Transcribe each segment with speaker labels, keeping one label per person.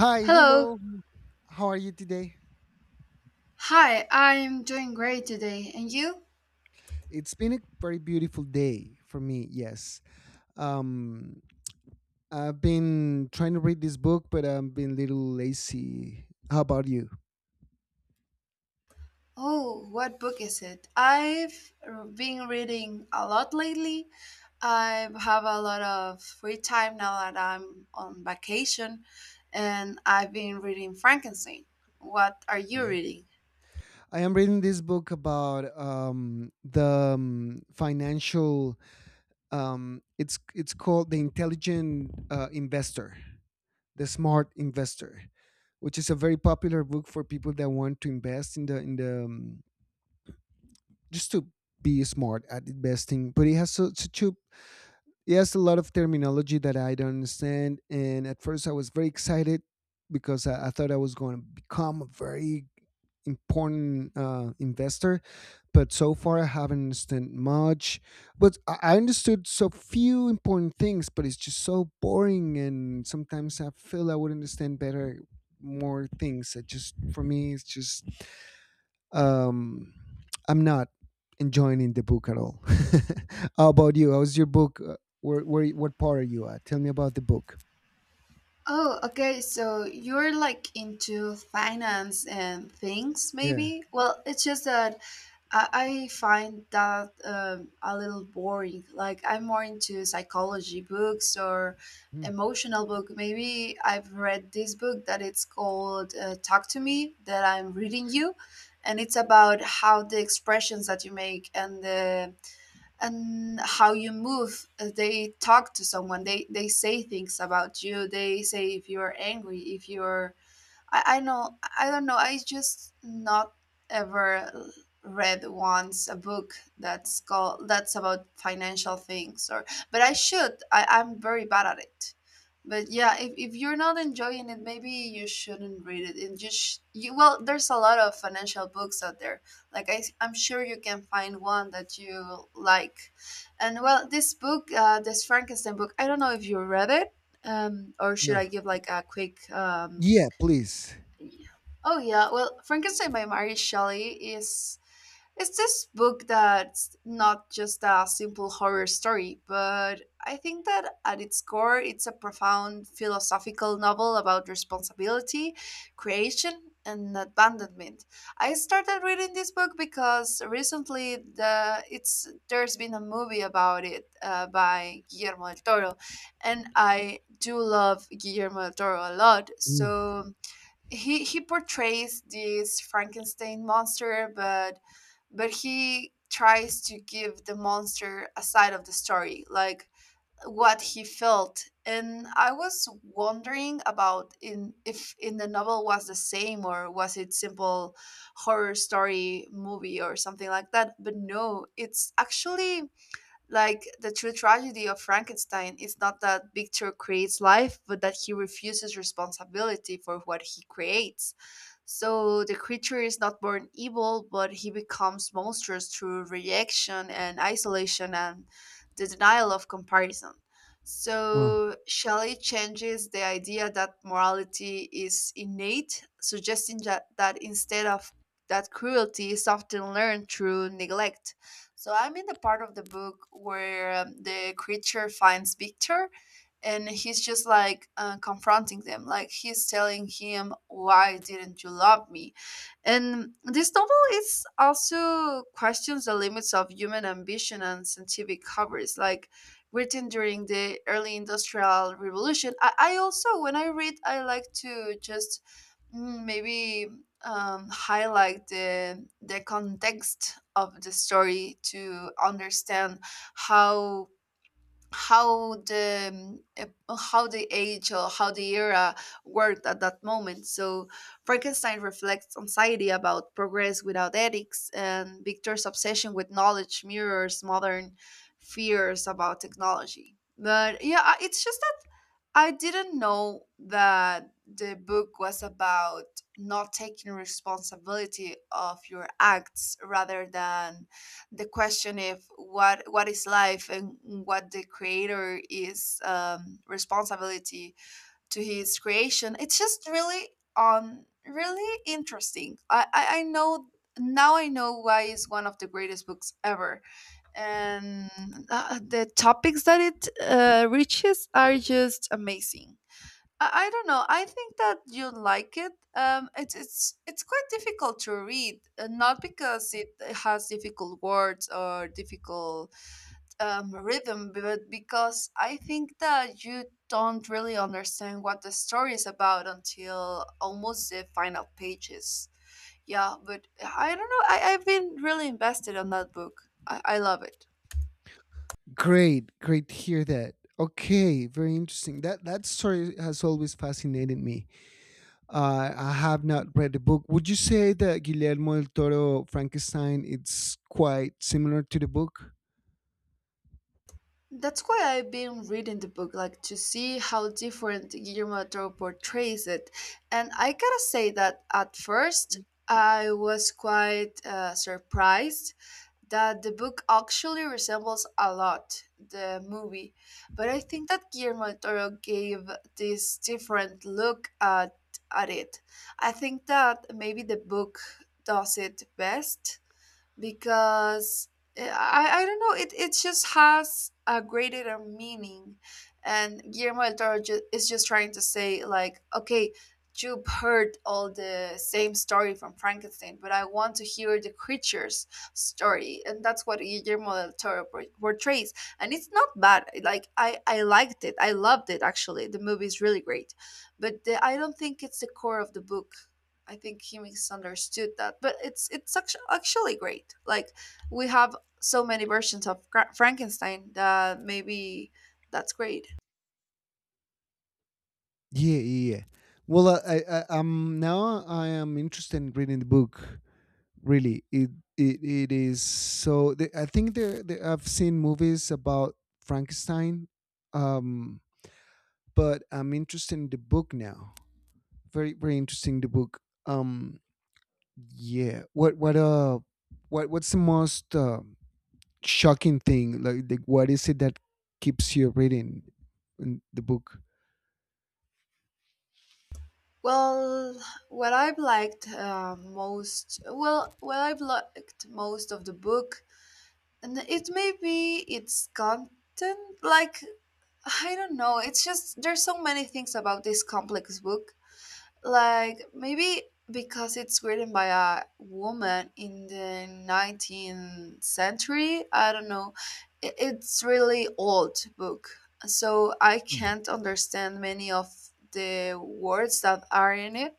Speaker 1: Hi,
Speaker 2: Hello.
Speaker 1: hello. How are you today?
Speaker 2: Hi, I'm doing great today. And you?
Speaker 1: It's been a very beautiful day for me. Yes. Um, I've been trying to read this book, but I've been a little lazy. How about you?
Speaker 2: Oh, what book is it? I've been reading a lot lately. I have a lot of free time now that I'm on vacation, and I've been reading Frankenstein. What are you
Speaker 1: Right.
Speaker 2: reading?
Speaker 1: I am reading this book about the financial. It's called the Intelligent Investor. The Smart Investor, which is a very popular book for people that want to invest in the just to be smart at investing. But it has so, such a it has a lot of terminology that I don't understand. And at first, I was very excited because I thought I was going to become a very important investor, but so far I haven't understood much. But I understood so few important things, but it's just so boring, and sometimes I feel I would understand better more things. It just for me, it's just um, I'm not enjoying the book at all. How about you? How's your book? What part are you at? Tell me about the book.
Speaker 2: Oh, okay. So you're like into finance and things,
Speaker 1: Yeah.
Speaker 2: maybe? Well, it's just that I find that a little boring. Like, I'm more into psychology books or
Speaker 1: Mm.
Speaker 2: emotional book. Maybe I've read this book that it's called Talk to Me that I'm reading you, and it's about how the expressions that you make and the and how you move they talk to someone, they say things about you, they say if you're angry, if you're I don't know. I just not ever read once a book that's called that's about financial things or but I should. I'm very bad at it. But yeah, if you're not enjoying it, maybe you shouldn't read it. And just you well, there's a lot of financial books out there. Like I'm sure you can find one that you like. And well, this book, this Frankenstein book, I don't know if you read it. Or should
Speaker 1: No.
Speaker 2: I give like a quick
Speaker 1: Yeah, please.
Speaker 2: yeah. Oh yeah, well, Frankenstein by Mary Shelley is it's this book that's not just a simple horror story, but I think that at its core, it's a profound philosophical novel about responsibility, creation, and abandonment. I started reading this book because recently there's been a movie about it by Guillermo del Toro, and I do love Guillermo del Toro a lot,
Speaker 1: Mm.
Speaker 2: so he portrays this Frankenstein monster, but he tries to give the monster a side of the story, like what he felt. And I was wondering about in if in the novel was the same or was it simple horror story movie or something like that. But no, it's actually like the true tragedy of Frankenstein is not that Victor creates life, but that he refuses responsibility for what he creates. So the creature is not born evil, but he becomes monstrous through rejection and isolation and the denial of comparison.
Speaker 1: Well.
Speaker 2: So Shelley changes the idea that morality is innate, suggesting that instead of that cruelty is often learned through neglect. So I'm in the part of the book where the creature finds Victor and he's just like confronting them, like he's telling him, why didn't you love me? And this novel is also questions the limits of human ambition and scientific coverage like written during the early industrial revolution. I also when I read I like to just mm, maybe highlight the context of the story to understand how how the how the age or how the era worked at that moment. So Frankenstein reflects anxiety about progress without ethics, and Victor's obsession with knowledge mirrors modern fears about technology. But yeah, it's just I didn't know that the book was about not taking responsibility of your acts rather than the question if what what is life and what the creator is responsibility to his creation. It's just really on really interesting. I know, now I know why it's one of the greatest books ever and the topics that it reaches are just amazing. I don't know. I think that you like it. It's it's quite difficult to read, not because it has difficult words or difficult rhythm, but because I think that you don't really understand what the story is about until almost the final pages. Yeah, but I don't know. I've been really invested on that book. I love it.
Speaker 1: Great, great to hear that. Okay, very interesting. That that story has always fascinated me. I have not read the book. Would you say that Guillermo del Toro Frankenstein it's quite similar to the book?
Speaker 2: That's why I've been reading the book, like to see how different Guillermo del Toro portrays it. And I gotta say that at first I was quite surprised that the book actually resembles a lot the movie. But I think that Guillermo del Toro gave this different look at it. I think that maybe the book does it best because I don't know, it just has a greater meaning and Guillermo del Toro is just trying to say like, okay, you've heard all the same story from Frankenstein but I want to hear the creature's story, and that's what Guillermo del Toro portrays. And it's not bad, like I liked it, I loved it, actually the movie is really great but the, I don't think it's the core of the book. I think he misunderstood that, but it's actually great. Like we have so many versions of Frankenstein that maybe that's great.
Speaker 1: Yeah, yeah, yeah. Well, I am interested in reading the book. Really, it is so. I think there I've seen movies about Frankenstein, um, but I'm interested in the book now. Very very interesting the book. um yeah what what uh what's the most shocking thing, like what is it that keeps you reading in the book?
Speaker 2: Well, what I've liked most, well, what I've liked most of the book, and it may be its content. Like I don't know, it's just there's so many things about this complex book. Like maybe because it's written by a woman in the 19th century, I don't know. It's really old book. So I
Speaker 1: Mhm.
Speaker 2: can't understand many of the words that are in it.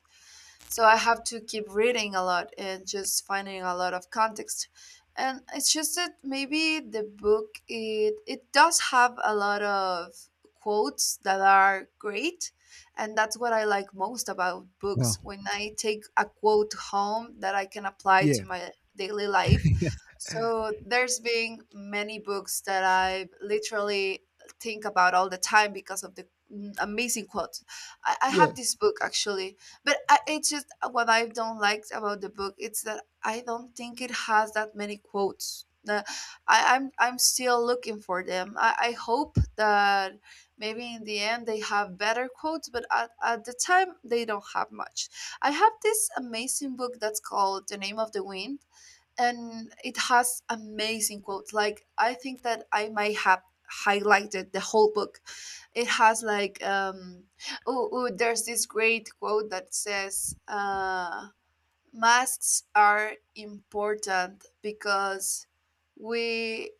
Speaker 2: So I have to keep reading a lot and just finding a lot of context. And it's just that maybe the book it it does have a lot of quotes that are great. And that's what I like most about
Speaker 1: Wow.
Speaker 2: books. When I take a quote home that I can apply
Speaker 1: Yeah.
Speaker 2: to my daily life. So there's been many books that I literally think about all the time because of the amazing quotes. I
Speaker 1: Yeah.
Speaker 2: have this book actually but I, it's just what I don't like about the book it's that I don't think it has that many quotes the, I'm still looking for them. I hope that maybe in the end they have better quotes, but at the time they don't have much. I have this amazing book that's called The Name of the Wind, and it has amazing quotes like I think that I might have highlighted the whole book. It has like oh, there's this great quote that says masks are important because we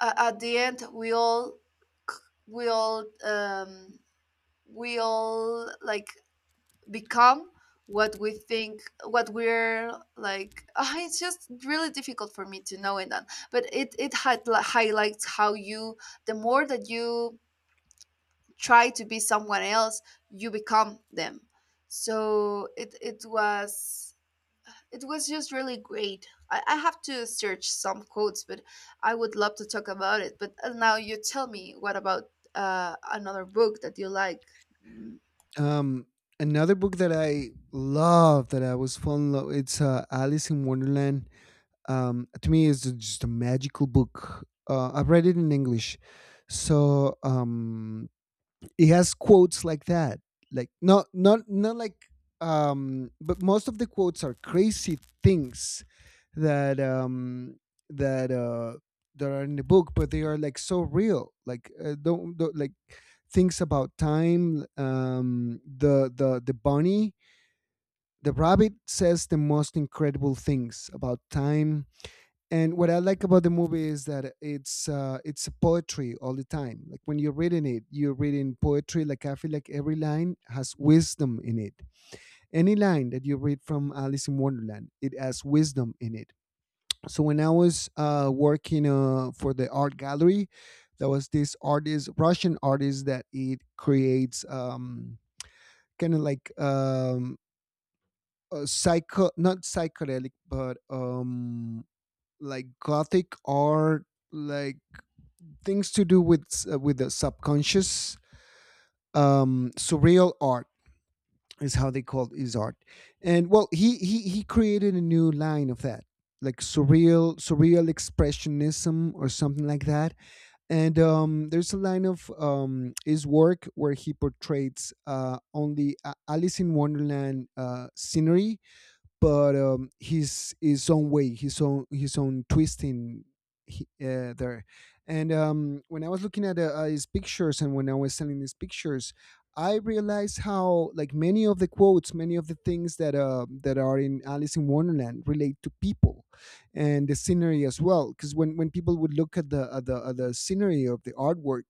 Speaker 2: at the end we all c- we all we all like become what we think what we're like ah, it's just really difficult for me to know in that, but it had, highlights how you the more that you try to be someone else you become them. So it it was just really great. I have to search some quotes but I would love to talk about it but now you tell me what about another book that you like. mm,
Speaker 1: um Another book that I love that I was falling in love, it's Alice in Wonderland. To me it's just a magical book. I've read it in English, so he has quotes like that. Like not like but most of the quotes are crazy things that that uh that are in the book, but they are like so real. Like don't like things about time. The bunny, the rabbit says the most incredible things about time. And what I like about the movie is that it's a poetry all the time. Like when you're reading it, you're reading poetry. Like I feel like every line has wisdom in it. Any line that you read from Alice in Wonderland, it has wisdom in it. So when I was working for the art gallery, there was this artist, Russian artist, that it creates kind of like psycho, not psychedelic, but like gothic art. Like things to do with the subconscious, surreal art is how they called his art. And well, he created a new line of that, like surreal expressionism or something like that. And there's a line of his work where he portrays Alice in Wonderland scenery, but his own way, his own twisting. He- there. And when I was looking at his pictures and when I was selling his pictures, I realized how, like, many of the quotes, many of the things that that are in Alice in Wonderland relate to people and the scenery as well. Because when people would look at the at the scenery of the artwork,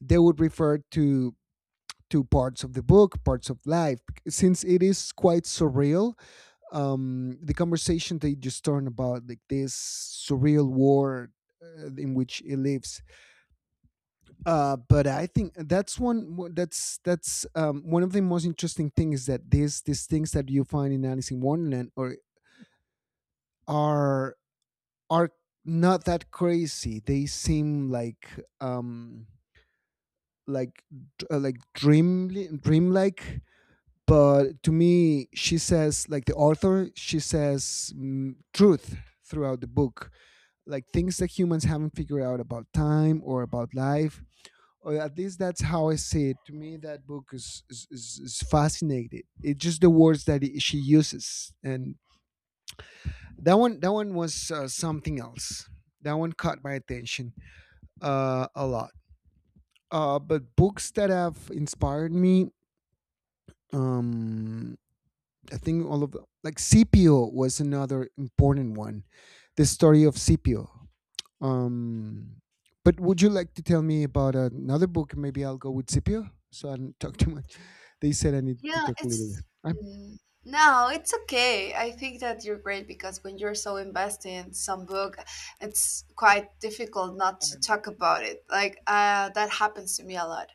Speaker 1: they would refer to parts of the book, parts of life, since it is quite surreal. The conversation, they just turn about like this surreal world in which it lives. But I think that's one. That's one of the most interesting things, is that these things that you find in Alice in Wonderland or are are not that crazy. They seem like um like like dream, dreamlike. But to me, she says, like the author, she says, truth throughout the book, like things that humans haven't figured out about time or about life, or at least that's how I see it. To me, that book is fascinating. It's just the words that she uses. And that one, that one was something else. That one caught my attention a lot. But books that have inspired me, um, I think all of, like, Cpo was another important one. The story of Cpo. Um, but would you like to tell me about another book? Maybe I'll go with Scipio, so I don't talk too much. They said I need to
Speaker 2: Yeah,
Speaker 1: talk a little bit.
Speaker 2: it's mm, no, it's okay. I think that you're great because when you're so invested in some book, it's quite difficult not to
Speaker 1: I'm
Speaker 2: talk about it. Like that happens to me a lot.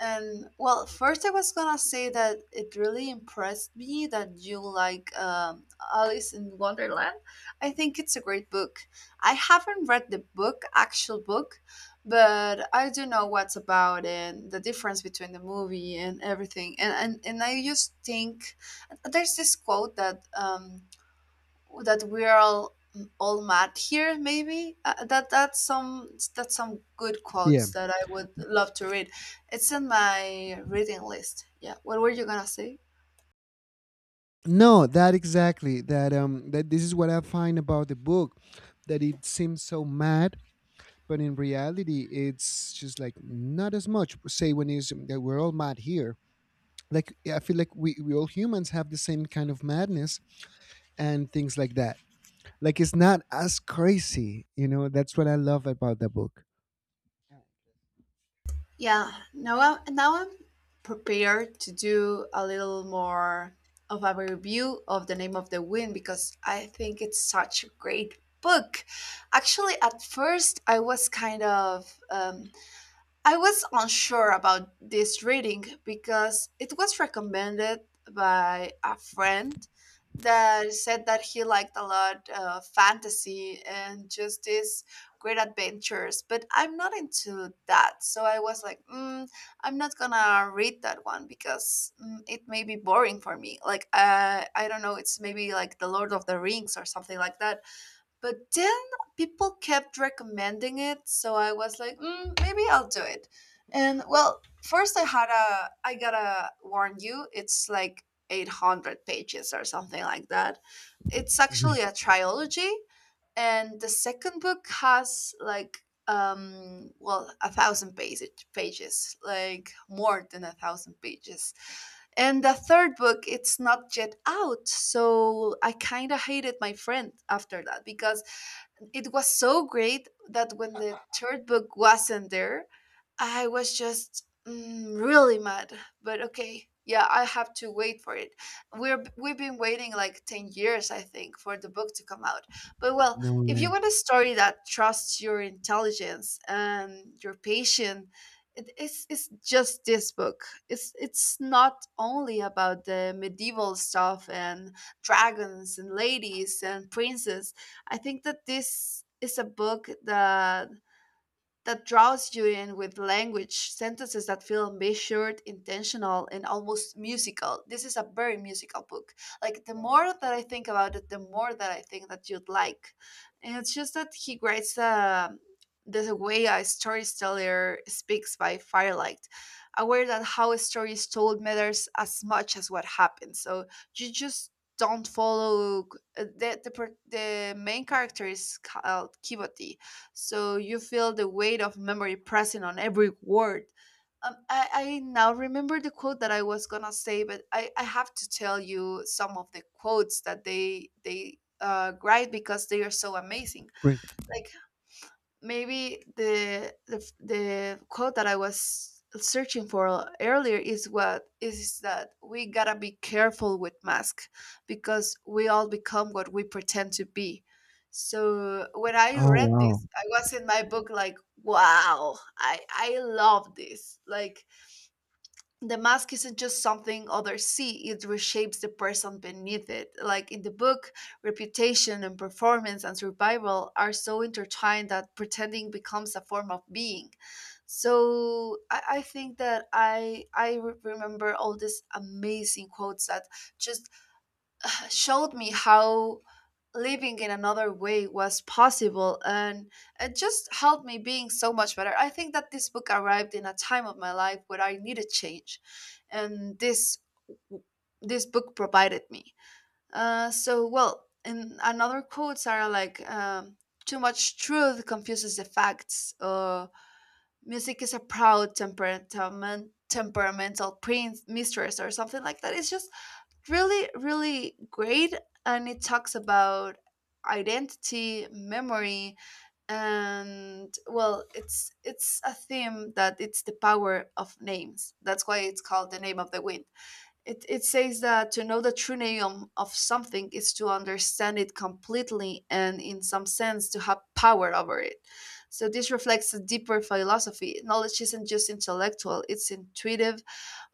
Speaker 2: And well, first I was gonna say that it really impressed me that you like Alice in Wonderland. I think it's a great book. I haven't read the book, actual book, but I do know what's about and the difference between the movie and everything. And and I just think there's this quote that that we're all mad here maybe that that's some good
Speaker 1: yeah.
Speaker 2: quotes that I would love to read. It's in my reading list. Yeah, what were you gonna say?
Speaker 1: No, that exactly. That this is what I find about the book, that it seems so mad, but in reality, it's just like not as much. Say when is that we're all mad here. Like I feel like we all humans have the same kind of madness and things like that. Like it's not as crazy, you know. That's what I love about the book.
Speaker 2: Yeah, now I'm prepared to do a little more of a review of The Name of the Wind because I think it's such a great book. Actually at first I was kind of I was unsure about this reading because it was recommended by a friend that said that he liked a lot fantasy and just these great adventures, but I'm not into that. So I was like, mm, I'm not gonna read that one because mm, it may be boring for me. Like, I don't know, it's maybe like The Lord of the Rings or something like that. But then people kept recommending it, so I was like, mm, maybe I'll do it. And well, first I had a, I gotta warn you, it's like 800 pages or something like that. It's actually a trilogy, and the second book has like, well, 1,000 pages, like more than 1,000 pages. And the third book, it's not yet out, so I kind of hated my friend after that because it was so great that when the third book wasn't there, I was just mm, really mad. But okay, yeah, I have to wait for it. We've been waiting like 10 years, I think, for the book to come out. But well,
Speaker 1: No
Speaker 2: if you
Speaker 1: way.
Speaker 2: want a story that trusts your intelligence and your patience. It's just this book. It's not only about the medieval stuff and dragons and ladies and princes. I think that this is a book that draws you in with language, sentences that feel measured, intentional, and almost musical. This is a very musical book. Like, the more that I think about it, the more that I think that you'd like. And it's just that he writes the way a storyteller speaks by firelight, aware that how a story is told matters as much as what happens. So you just don't follow the main character is called Kiboti, so you feel the weight of memory pressing on every word. I now remember the quote that I was gonna say, but I have to tell you some of the quotes that they write because they are so amazing.
Speaker 1: Great.
Speaker 2: Like, maybe the quote that I was searching for earlier is what is that we gotta be careful with masks because we all become what we pretend to be. So when I
Speaker 1: Oh
Speaker 2: read
Speaker 1: wow.
Speaker 2: this, I was in my book like, wow, I love this. Like, the mask isn't just something others see, it reshapes the person beneath it. Like in the book, reputation and performance and survival are so intertwined that pretending becomes a form of being. So I think that I remember all these amazing quotes that just showed me how living in another way was possible, and it just helped me being so much better. I think that this book arrived in a time of my life where I needed change, and this book provided me. So well, and another quotes are like, too much truth confuses the facts. Music is a proud temperamental prince mistress or something like that. It's just really really great, and it talks about identity, memory, and well, it's a theme that it's the power of names. That's why it's called The Name of the Wind. It says that to know the true name of something is to understand it completely and in some sense to have power over it. So this reflects a deeper philosophy: knowledge isn't just intellectual, it's intuitive,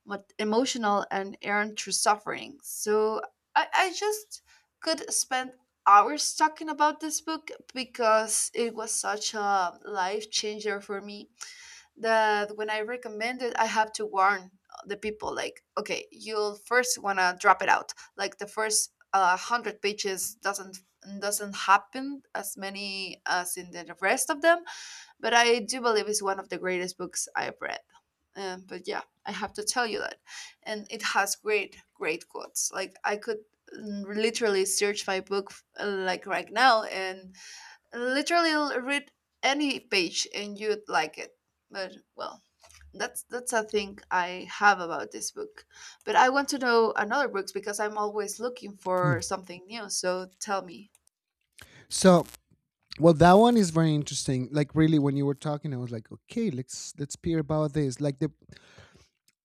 Speaker 2: emotional, and earned through suffering. So I just could spend hours talking about this book because it was such a life changer for me, that when I recommend it, I have to warn the people like, okay, you'll first want to drop it out. Like the first hundred pages doesn't happen as many as in the rest of them, but I do believe it's one of the greatest books I've read. But yeah, I have to tell you that, and it has great, great quotes. Like, I could literally search my book like right now and literally read any page and you'd like it. But well, that's a thing I have about this book. But I want to know another books because I'm always looking
Speaker 1: Hmm.
Speaker 2: for something new. So tell me.
Speaker 1: So well, that one is very interesting. Like really when you were talking, I was like, okay, let's peer about this. Like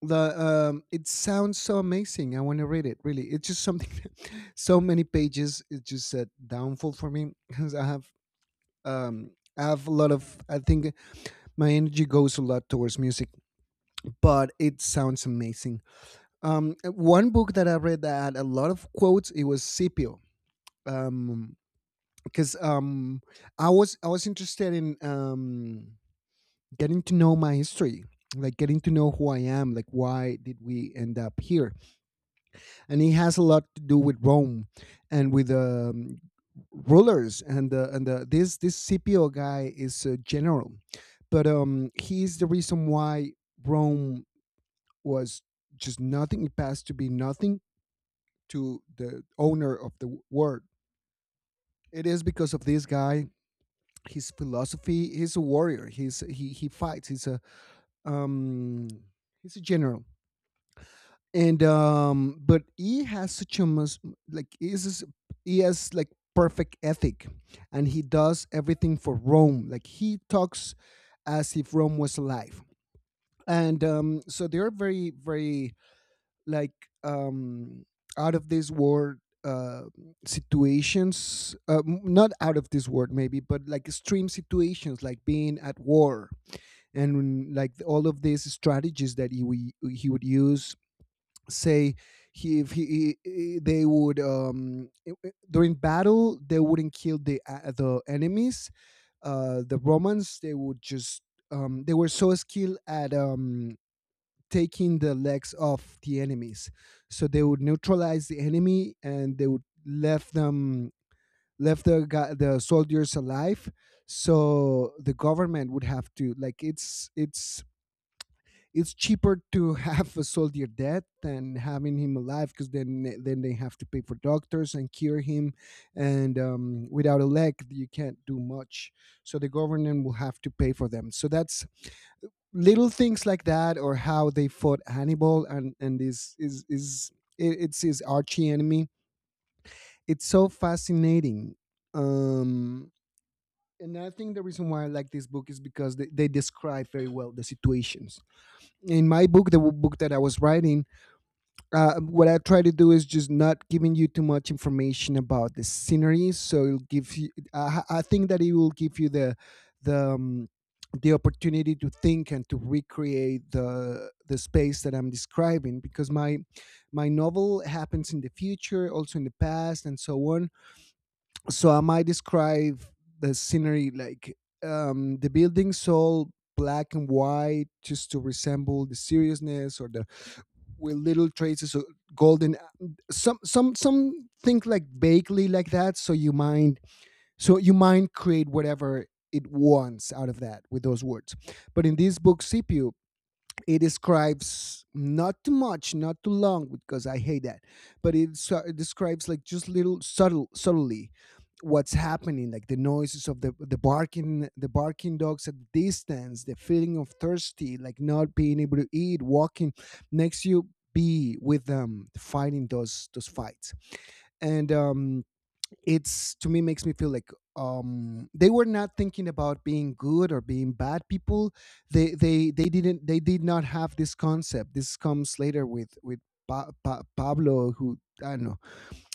Speaker 1: the it sounds so amazing. I want to read it, really. It's just something so many pages. It's just a downfall for me because um I have a lot of, I think my energy goes a lot towards music, but it sounds amazing. One book that I read that had a lot of quotes, it was Scipio. Um because I was I was interested in getting to know my history, like getting to know who I am, like why did we end up here. And it has a lot to do with Rome, and with rulers, and this this Cpo guy is a general. But he's the reason why Rome was just nothing. It passed to be nothing to the owner of the world. It is because of this guy, his philosophy. He's a warrior. He fights. Um he's a general. And but he has such a like he has like perfect ethic. And he does everything for Rome. Like he talks as if Rome was alive. And so they are very very like um out of this world, uh situations, not out of this world maybe, but like extreme situations, like being at war, and like all of these strategies that he would use. Say he, if he, he, they would during battle they wouldn't kill the enemies. The Romans, they would just they were so skilled at taking the legs off the enemies. So they would neutralize the enemy and they would left them, left the guy, the soldiers alive. So the government would have to, like, it's cheaper to have a soldier dead than having him alive, because then they have to pay for doctors and cure him. And without a leg you can't do much, so the government will have to pay for them. So that's little things like that, or how they fought Hannibal. And this is it, it's his archie enemy. It's so fascinating. um and I think the reason why I like this book is because they describe very well the situations. In my book, the book that I was writing, what I try to do is just not giving you too much information about the scenery. So it'll give you. I think that it will give you the um, the opportunity to think and to recreate the space that I'm describing, because my novel happens in the future, also in the past, and so on. So I might describe the scenery like the buildings all black and white just to resemble the seriousness or the with little traces of golden. Some think like vaguely like that, so you mind create whatever it wants out of that with those words. But in this book, Scipio, it describes not too much, not too long, because I hate that. But it describes like just little subtle subtly what's happening, like the noises of the barking the barking dogs at the distance, the feeling of thirsty, like not being able to eat, walking next to you, be with them fighting those fights. And it's, to me, makes me feel like they were not thinking about being good or being bad people. They they they didn't they did not have this concept. This comes later with Pablo, who, I don't know,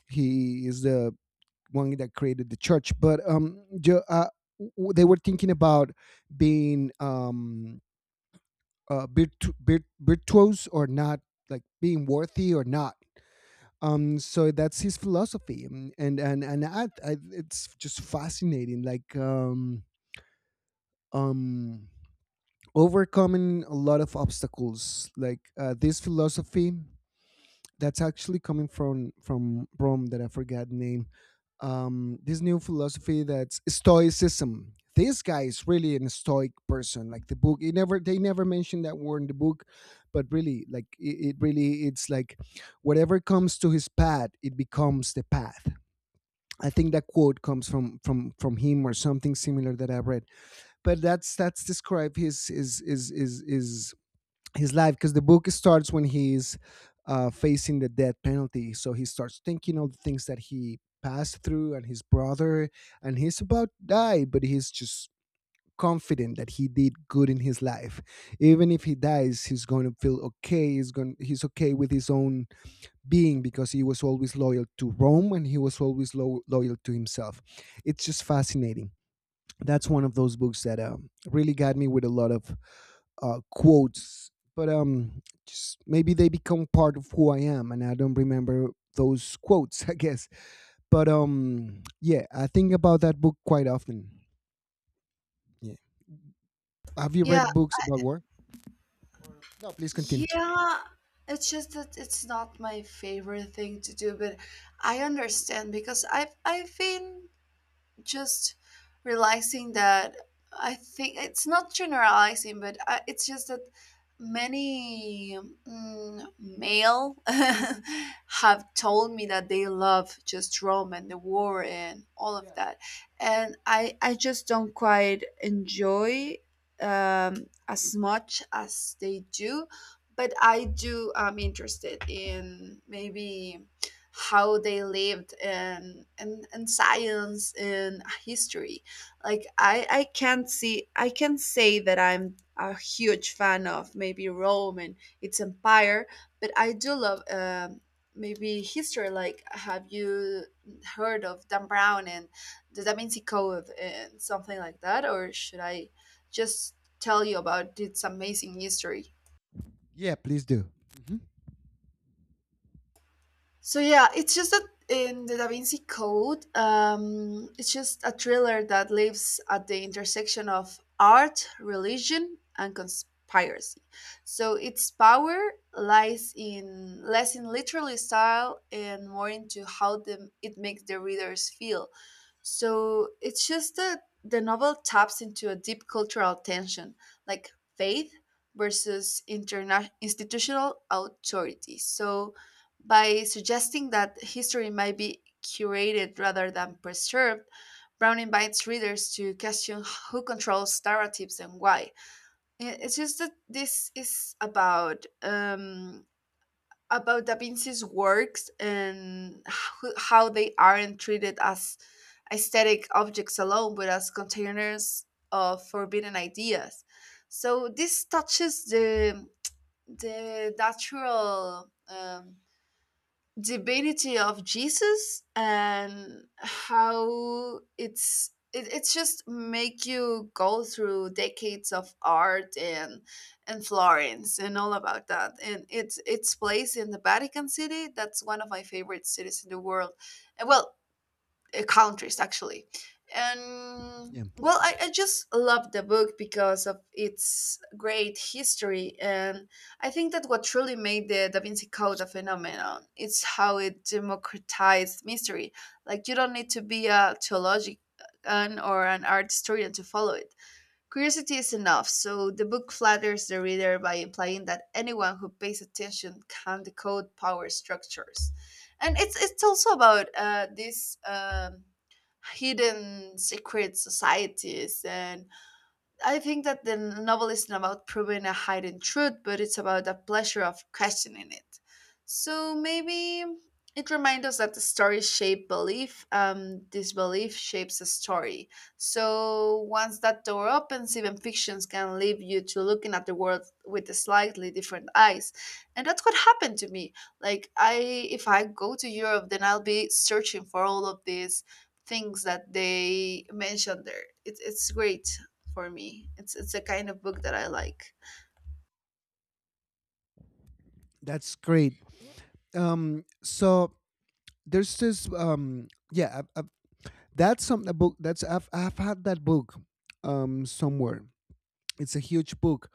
Speaker 1: he is the one that created the church. But they were thinking about being virtuos or not, like being worthy or not. So that's his philosophy. Mm, and it's just fascinating, like um overcoming a lot of obstacles, like this philosophy that's actually coming from Rome, that I forgot the name. This new philosophy, that's stoicism. This guy is really an stoic person. Like the book, it never they never mentioned that word in the book, but really, like it really it's like whatever comes to his path, it becomes the path. I think that quote comes from him, or something similar that I've read. But that's describe his is his life, because the book starts when he's facing the death penalty. So he starts thinking of the things that he passed through and his brother, and he's about to die, but he's just confident that he did good in his life. Even if he dies, he's going to feel okay. He's okay with his own being, because he was always loyal to Rome and he was always loyal to himself. It's just fascinating. That's one of those books that really got me with a lot of quotes, but just maybe they become part of who I am, and I don't remember those quotes, I guess. But yeah, I think about that book quite often. Yeah, have you
Speaker 2: Yeah.
Speaker 1: read books about war? No, please continue.
Speaker 2: Yeah, it's just that it's not my favorite thing to do, but I understand because I've been just realizing that I think it's not generalizing, but I, it's just that many male have told me that they love just Rome and the war and all of
Speaker 1: Yeah,
Speaker 2: that, and I just don't quite enjoy, as much as they do, but I do. I'm interested in maybe how they lived, and science in history. Like, I can't see, I can say that I'm a huge fan of maybe Rome and its empire, but I do love, maybe history. Like, have you heard of Dan Brown and The Da Vinci Code and something like that, or should I just tell you about its amazing history?
Speaker 1: yeah, please do. Mhm.
Speaker 2: So yeah, it's just that in The Da Vinci Code, it's just a thriller that lives at the intersection of art, religion, and conspiracy. So its power lies in less in literary style and more into how the, it makes the readers feel. So it's just that the novel taps into a deep cultural tension, like faith versus institutional authority. So by suggesting that history might be curated rather than preserved, Brown invites readers to question who controls narratives and why. I- It's just that this is about, about Da Vinci's works and how they aren't treated as aesthetic objects alone, but as containers of forbidden ideas. So this touches the natural, divinity of Jesus and how it's it, it's just make you go through decades of art and Florence and all about that, and it's place in the Vatican City. That's one of my favorite cities in the world, and well, countries actually. And
Speaker 1: Yeah,
Speaker 2: well, I just love the book because of its great history. And I think that what truly made The Da Vinci Code a phenomenon is how it democratized mystery. Like, you don't need to be a theologian or an art historian to follow it. Curiosity is enough, so the book flatters the reader by implying that anyone who pays attention can decode power structures. And it's also about these, hidden secret societies. And I think that the novel isn't about proving a hidden truth, but it's about the pleasure of questioning it. So maybe it reminds us that the story shapes belief, disbelief shapes a story. So once that door opens, even fictions can leave you to looking at the world with a slightly different eyes. And that's what happened to me. Like, I, if I go to Europe then I'll be searching for all of these things that they mentioned there. It's great for me. It's a kind of book that I like.
Speaker 1: that's great. So there's this yeah. That's some a book that's I've had that book somewhere. It's a huge book,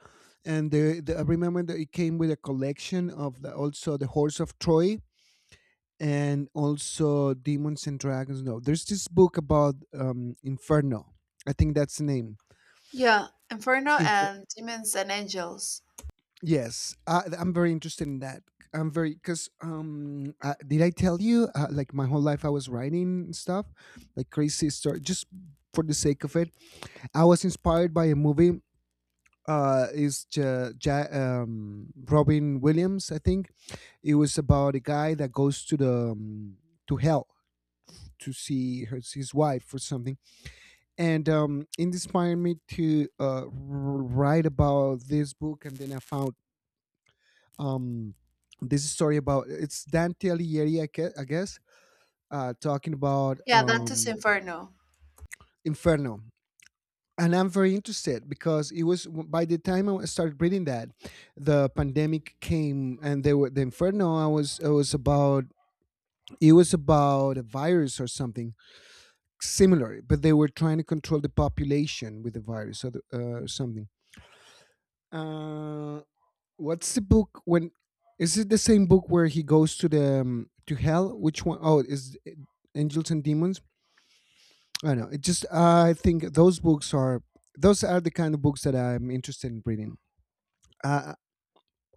Speaker 1: and I remember that it came with a collection of also the horse of Troy, and also demons and dragons. No, there's this book about Inferno, I think that's the name.
Speaker 2: Yeah, Inferno and Demons and Angels.
Speaker 1: Yes, I'm very interested in that. I'm very, because did I tell you like my whole life I was writing stuff, like crazy story, just for the sake of it. I was inspired by a movie. Is Robin Williams? I think it was about a guy that goes to the to hell, to see his wife or something, and it inspired me to write about this book. And then I found um this story about, it's Dante Alighieri, I guess, talking about
Speaker 2: Yeah, Dante's Inferno.
Speaker 1: Inferno. And I'm very interested because it was by the time I started reading that, the pandemic came, and they were the Inferno. I was It was about, it was about a virus or something similar, but they were trying to control the population with the virus, or something. Uh, What's the book when? Is it the same book where he goes to the to hell? Which one? Oh, is it Angels and Demons? I don't know. It just I think those books are, those are the kind of books that I'm interested in reading. Uh,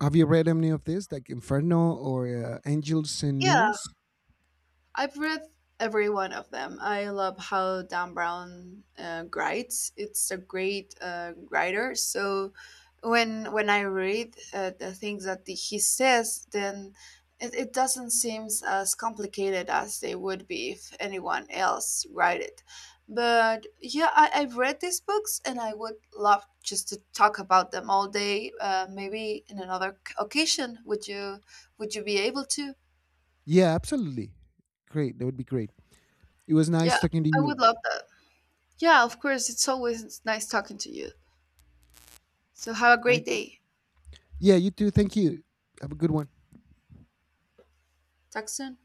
Speaker 1: have you read any of this, like Inferno or Angels and
Speaker 2: Yeah,
Speaker 1: Demons?
Speaker 2: I've read every one of them. I love how Dan Brown writes. It's a great writer. So when I read the things that he says, then it doesn't seem as complicated as they would be if anyone else write it. But yeah, I've read these books and I would love just to talk about them all day. Maybe in another occasion, would you be able to?
Speaker 1: Yeah, absolutely. Great. That would be great. It was nice
Speaker 2: Yeah,
Speaker 1: talking to
Speaker 2: I would
Speaker 1: you.
Speaker 2: love that. Yeah, of course. It's always nice talking to you. So have a
Speaker 1: I
Speaker 2: great day.
Speaker 1: Yeah, you too. Thank you. Have a good one.
Speaker 2: Talk soon.